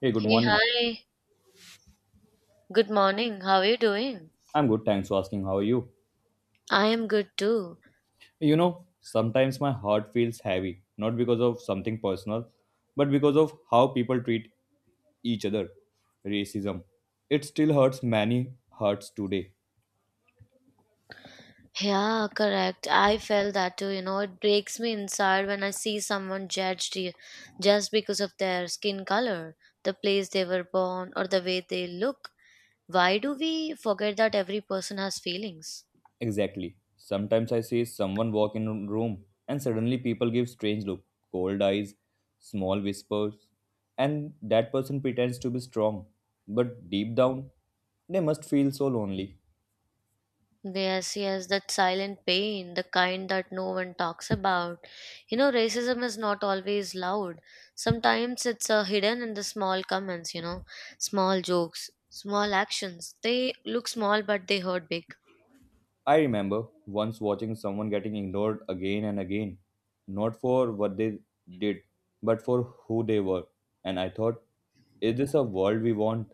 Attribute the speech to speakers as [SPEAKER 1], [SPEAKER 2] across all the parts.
[SPEAKER 1] Hey, good
[SPEAKER 2] Hey,
[SPEAKER 1] morning.
[SPEAKER 2] hi. Good morning. How are you doing?
[SPEAKER 1] I'm good, thanks for asking. How are you?
[SPEAKER 2] I am good too.
[SPEAKER 1] You know, sometimes my heart feels heavy, not because of something personal, but because of how people treat each other. Racism. It still hurts many hearts today.
[SPEAKER 2] Yeah, correct. I felt that too. You know, it breaks me inside when I see someone judged just because of their skin color, the place they were born, or the way they look. Why do we forget that every person has feelings?
[SPEAKER 1] Exactly. Sometimes I see someone walk in a room and suddenly people give strange look, cold eyes, small whispers, and that person pretends to be strong, but deep down they must feel so lonely.
[SPEAKER 2] Yes, yes, that silent pain, the kind that no one talks about. You know, racism is not always loud. Sometimes it's hidden in the small comments, you know, small jokes, small actions. They look small, but they hurt big.
[SPEAKER 1] I remember once watching someone getting ignored again and again, not for what they did, but for who they were. And I thought, is this a world we want?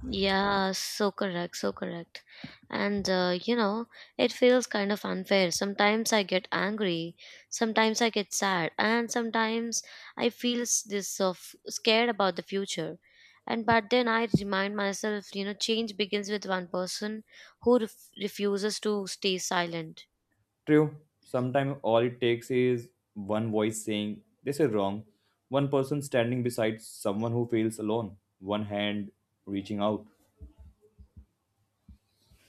[SPEAKER 2] Yeah, so correct, so correct. And you know, it feels kind of unfair. Sometimes I get angry, sometimes I get sad, and sometimes I feel this of scared about the future. And but then I remind myself, you know, change begins with one person who refuses to stay silent.
[SPEAKER 1] True, sometimes all it takes is one voice saying, this is wrong, one person standing beside someone who feels alone, one hand reaching out.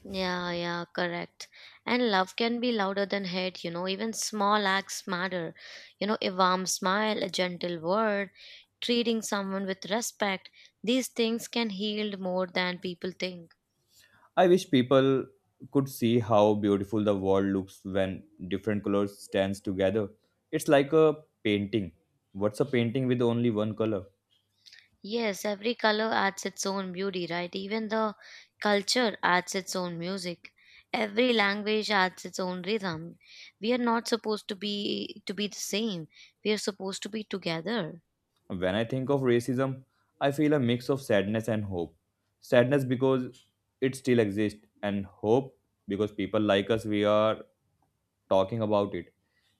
[SPEAKER 2] Yeah, yeah, correct. And love can be louder than hate, you know, even small acts matter. You know, a warm smile, a gentle word, treating someone with respect, these things can heal more than people think.
[SPEAKER 1] I wish people could see how beautiful the world looks when different colors stands together. It's like a painting. What's a painting with only one color?
[SPEAKER 2] Yes, every color adds its own beauty, right? Even the culture adds its own music. Every language adds its own rhythm. We are not supposed to be the same. We are supposed to be together.
[SPEAKER 1] When I think of racism, I feel a mix of sadness and hope. Sadness because it still exists and hope because people like us we are talking about it.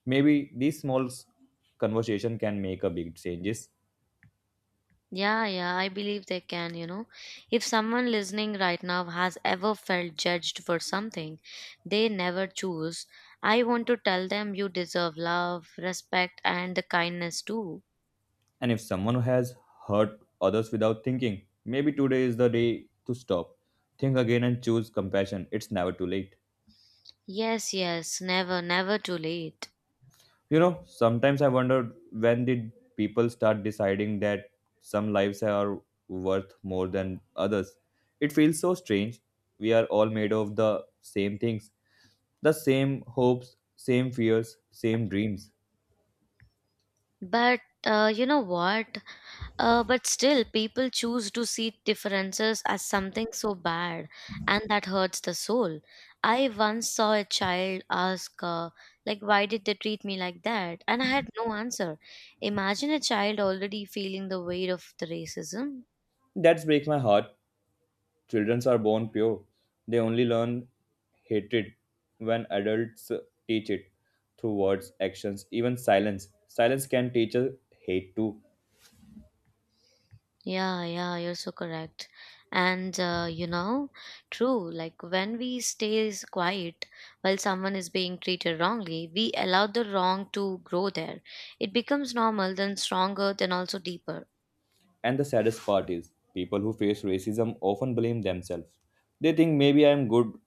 [SPEAKER 1] Maybe these conversation can make a big changes.
[SPEAKER 2] Yeah, yeah, I believe they can, you know. If someone listening right now has ever felt judged for something they never choose, I want to tell them you deserve love, respect, and the kindness too.
[SPEAKER 1] And if someone has hurt others without thinking, maybe today is the day to stop, think again, and choose compassion. It's never too late.
[SPEAKER 2] Yes, yes, never, never too late.
[SPEAKER 1] You know, sometimes I wonder when did people start deciding that some lives are worth more than others? It feels so strange. We are all made of the same things, the same hopes, same fears, same dreams.
[SPEAKER 2] But you know what? But still, people choose to see differences as something so bad, and that hurts the soul. I once saw a child ask, like, why did they treat me like that? And I had no answer. Imagine a child already feeling the weight of the racism.
[SPEAKER 1] That breaks my heart. Children are born pure. They only learn hatred when adults teach it through words, actions, even silence. Silence can teach a hate too.
[SPEAKER 2] Yeah, yeah, you're so correct. And you know, true, like when we stay quiet while someone is being treated wrongly, we allow the wrong to grow there. It becomes normal, then stronger, then also deeper.
[SPEAKER 1] And the saddest part is people who face racism often blame themselves. They think maybe I'm good.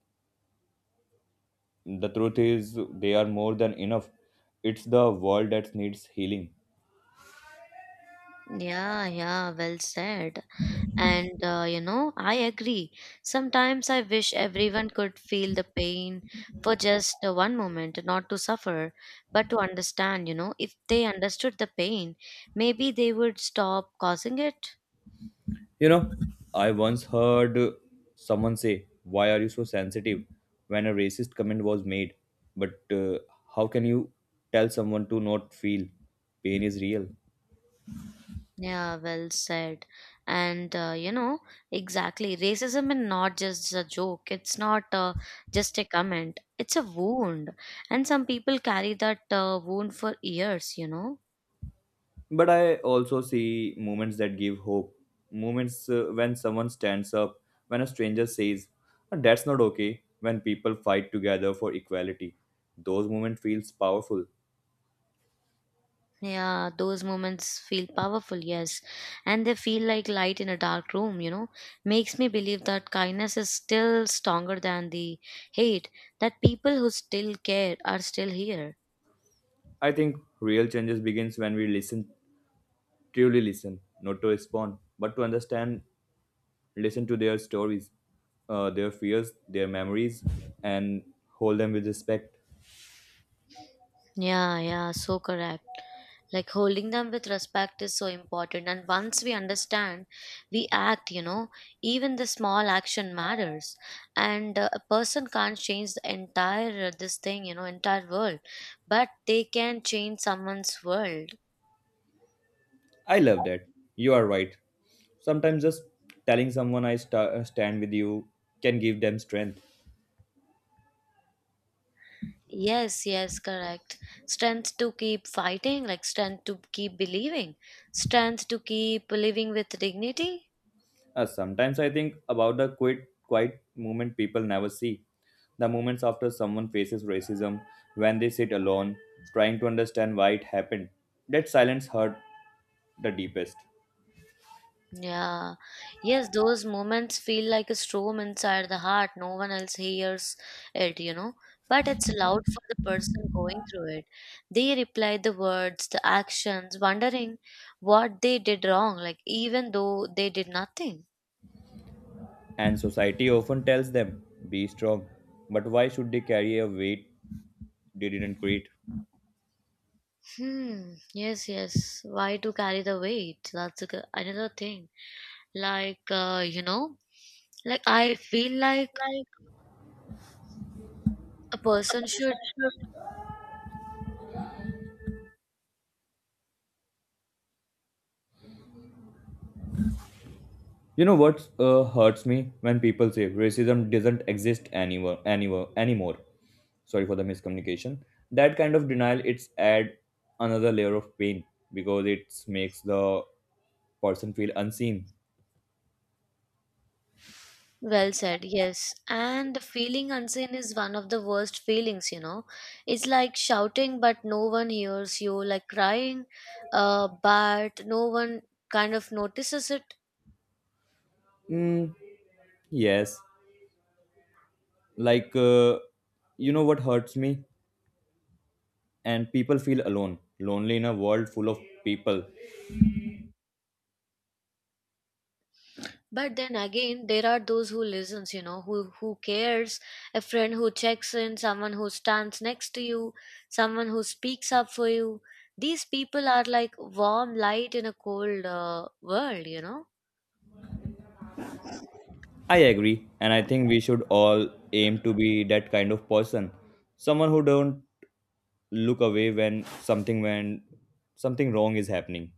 [SPEAKER 1] The truth is they are more than enough. It's the world that needs healing.
[SPEAKER 2] Yeah, yeah, well said. And you know, I agree. Sometimes I wish everyone could feel the pain for just one moment, not to suffer, but to understand. You know, if they understood the pain, maybe they would stop causing it.
[SPEAKER 1] You know, I once heard someone say, "Why are you so sensitive?" when a racist comment was made. But how can you tell someone to not feel? Pain is real.
[SPEAKER 2] Yeah, well said. And you know, exactly. Racism is not just a joke, it's not just a comment, it's a wound. And some people carry that wound for years, you know.
[SPEAKER 1] But I also see moments that give hope. Moments when someone stands up, when a stranger says, "Ah, that's not okay," when people fight together for equality. Those moments feels powerful.
[SPEAKER 2] Yeah, those moments feel powerful, yes. And they feel like light in a dark room, you know. Makes me believe that kindness is still stronger than the hate, that people who still care are still here.
[SPEAKER 1] I think real changes begins when we listen, truly listen, not to respond, but to understand, listen to their stories, their fears, their memories, and hold them with respect.
[SPEAKER 2] Yeah, yeah, so correct. Like holding them with respect is so important. And once we understand, we act, you know, even the small action matters. And a person can't change the entire, this thing, you know, entire world, but they can change someone's world.
[SPEAKER 1] I love that. You are right. Sometimes just telling someone stand with you can give them strength.
[SPEAKER 2] Yes, yes, correct. Strength to keep fighting, like strength to keep believing, strength to keep living with dignity.
[SPEAKER 1] Sometimes I think about the quiet moment people never see. The moments after someone faces racism, when they sit alone, trying to understand why it happened. That silence hurt the deepest.
[SPEAKER 2] Yeah, yes, those moments feel like a storm inside the heart. No one else hears it, you know, but it's loud for the person going through it. They reply the words, the actions, wondering what they did wrong, like even though they did nothing.
[SPEAKER 1] And society often tells them, be strong. But why should they carry a weight they didn't create.
[SPEAKER 2] Hmm, yes, yes. Why to carry the weight? That's a, another thing. Like you know, like I feel like
[SPEAKER 1] Like
[SPEAKER 2] a
[SPEAKER 1] a
[SPEAKER 2] person should.
[SPEAKER 1] person should You know what hurts me when people say racism doesn't exist anywhere anymore. Sorry for the miscommunication. That kind of denial it's add another layer of pain because it makes the person feel unseen.
[SPEAKER 2] Well said. Yes, and feeling unseen is one of the worst feelings, you know. It's like shouting but no one hears you, like crying, but no one kind of notices it.
[SPEAKER 1] Mm, yes, like uh, you know what hurts me, and people feel alone, lonely in a world full of people.
[SPEAKER 2] But then again, there are those who listens, you know, who cares, a friend who checks in, someone who stands next to you, someone who speaks up for you. These people are like warm light in a cold world, you know.
[SPEAKER 1] I agree, and I think we should all aim to be that kind of person, someone who don't look away when something wrong is happening.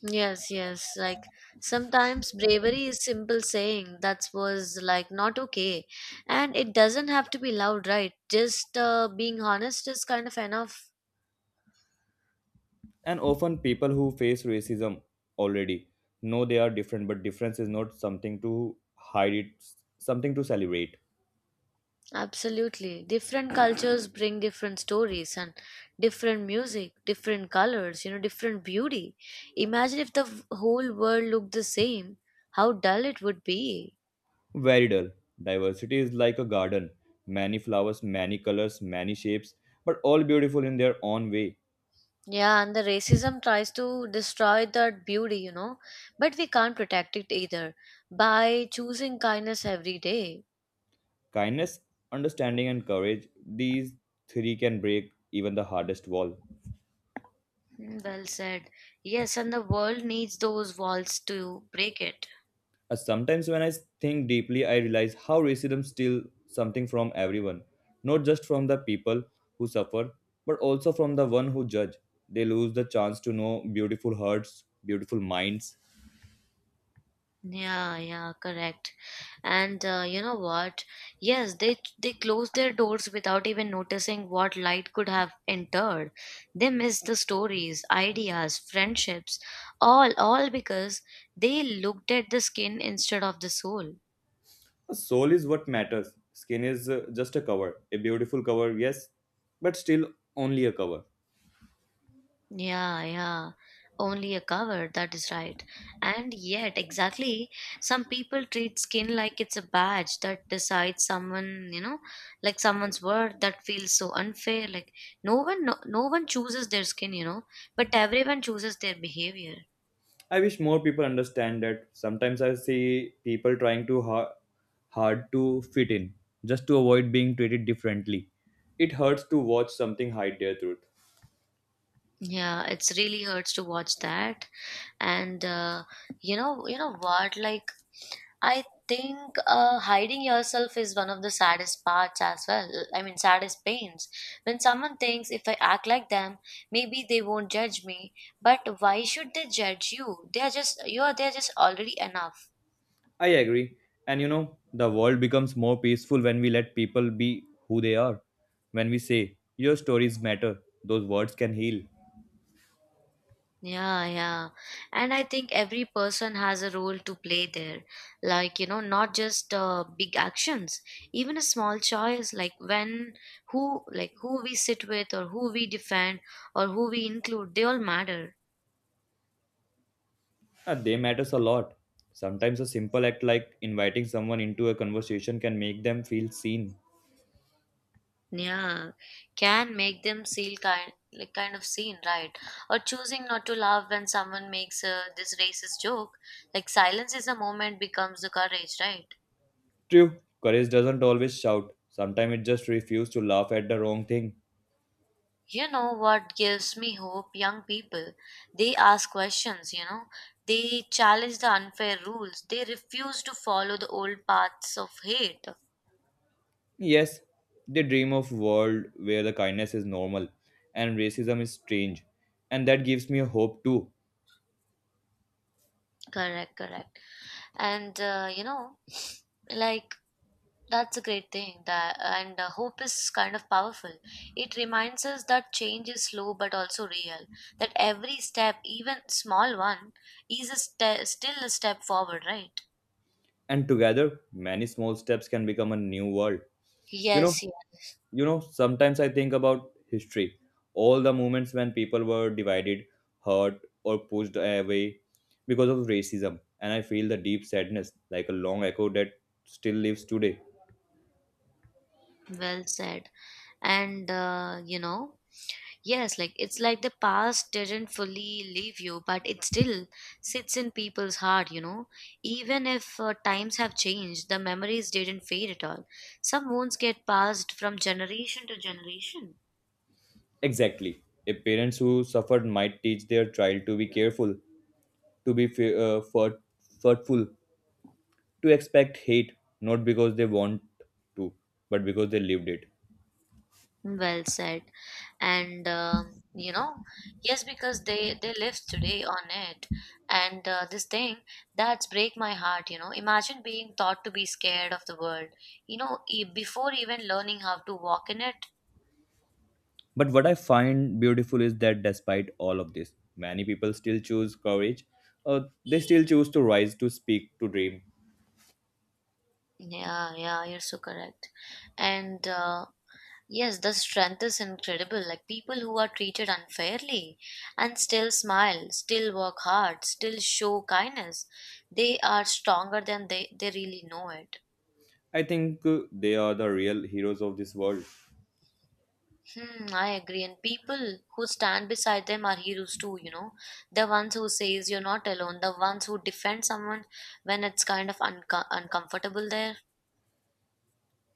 [SPEAKER 2] Yes, yes. Like sometimes bravery is simple saying that was like not okay, and it doesn't have to be loud, right? Just being honest is kind of enough.
[SPEAKER 1] And often people who face racism already know they are different, but difference is not something to hide. It's something to celebrate.
[SPEAKER 2] Absolutely. Different cultures bring different stories and different music, different colors, you know, different beauty. Imagine if the whole world looked the same, how dull it would be.
[SPEAKER 1] Very dull. Diversity is like a garden, many flowers, many colors, many shapes, but all beautiful in their own way.
[SPEAKER 2] Yeah, and the racism tries to destroy that beauty, you know, but we can't protect it either by choosing kindness every day.
[SPEAKER 1] Kindness, understanding, and courage, these three can break even the hardest wall.
[SPEAKER 2] Mm, well said. Yes, and the world needs those walls to break it.
[SPEAKER 1] Sometimes, when I think deeply, I realize how racism steals something from everyone, not just from the people who suffer, but also from the one who judge. They lose the chance to know beautiful hearts, beautiful minds.
[SPEAKER 2] Yeah, yeah, correct. And you know what, yes, they closed their doors without even noticing what light could have entered. They missed the stories, ideas, friendships, all because they looked at the skin instead of the soul.
[SPEAKER 1] A soul is what matters. Skin is just a cover, a beautiful cover, yes, but still only a cover.
[SPEAKER 2] Yeah, yeah. Only a cover, that is right. And yet, exactly, some people treat skin like it's a badge that decides someone, you know, like someone's worth, that feels so unfair. Like no one chooses their skin, you know, but everyone chooses their behavior.
[SPEAKER 1] I wish more people understand that sometimes I see people trying too hard, hard to fit in just to avoid being treated differently. It hurts to watch something hide their truth.
[SPEAKER 2] Yeah, it's really hurts to watch that. And you know what? Like I think hiding yourself is one of the saddest parts as well. I mean, saddest pains. When someone thinks, if I act like them, maybe they won't judge me. But why should they judge you? They are just you are. They are just already enough.
[SPEAKER 1] I agree. And you know, the world becomes more peaceful when we let people be who they are. When we say, your stories matter, those words can heal.
[SPEAKER 2] Yeah, yeah. And I think every person has a role to play there. Like you know, not just big actions, even a small choice, like when, who, like who we sit with, or who we defend, or who we include. They all matter.
[SPEAKER 1] They matters a lot. Sometimes a simple act like inviting someone into a conversation can make them feel seen.
[SPEAKER 2] Yeah, can make them feel kind, kind of seen, right? Or choosing not to laugh when someone makes a, this racist joke, like silence is a moment becomes the courage, right?
[SPEAKER 1] True, courage doesn't always shout. Sometimes it just refuses to laugh at the wrong thing.
[SPEAKER 2] You know what gives me hope? Young people. They ask questions, you know. They challenge the unfair rules, they refuse to follow the old paths of hate.
[SPEAKER 1] Yes, they dream of world where the kindness is normal and racism is strange. And that gives me a hope too.
[SPEAKER 2] Correct, correct. And you know, like that's a great thing that. And hope is kind of powerful. It reminds us that change is slow but also real. That every step, even small one, is still a step forward, right?
[SPEAKER 1] And together, many small steps can become a new world. You know,
[SPEAKER 2] Yes, yeah,
[SPEAKER 1] you know, sometimes I think about history. All the moments when people were divided, hurt, or pushed away because of racism. And I feel the deep sadness, like a long echo that still lives today.
[SPEAKER 2] well said. And you know, yes, like it's like the past didn't fully leave you, but it still sits in people's heart, you know. Even if times have changed, the memories didn't fade at all. Some wounds get passed from generation to generation.
[SPEAKER 1] Exactly. If parents who suffered might teach their child to be careful, to be thoughtful, to expect hate, not because they want to, but because they lived it.
[SPEAKER 2] Well said. And you know, yes, because they live today on it. And this thing, that's break my heart. You know, imagine being taught to be scared of the world. You know, before even learning how to walk in it.
[SPEAKER 1] But what I find beautiful is that despite all of this, many people still choose courage. Uh, they still choose to rise, to speak, to dream.
[SPEAKER 2] Yeah, yeah, you're so correct. And yes, the strength is incredible. Like people who are treated unfairly and still smile, still work hard, still show kindness. They are stronger than they really know it.
[SPEAKER 1] I think they are the real heroes of this world.
[SPEAKER 2] Hmm, I agree. And people who stand beside them are heroes too, you know. The ones who says you're not alone, the ones who defend someone when it's kind of uncomfortable there.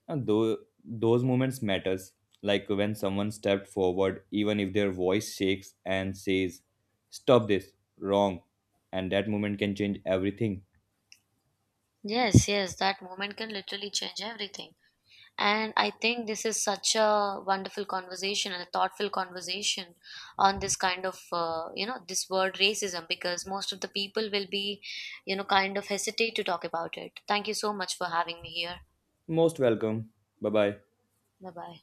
[SPEAKER 1] And though those moments matters, like when someone stepped forward, even if their voice shakes and says, "Stop this, wrong," and that moment can change everything.
[SPEAKER 2] Yes, yes, that moment can literally change everything. And I think this is such a wonderful conversation and a thoughtful conversation on this kind of, you know, this word racism, because most of the people will be, you know, kind of hesitate to talk about it. Thank you so much for having me here.
[SPEAKER 1] Most welcome. Bye bye.
[SPEAKER 2] Bye bye.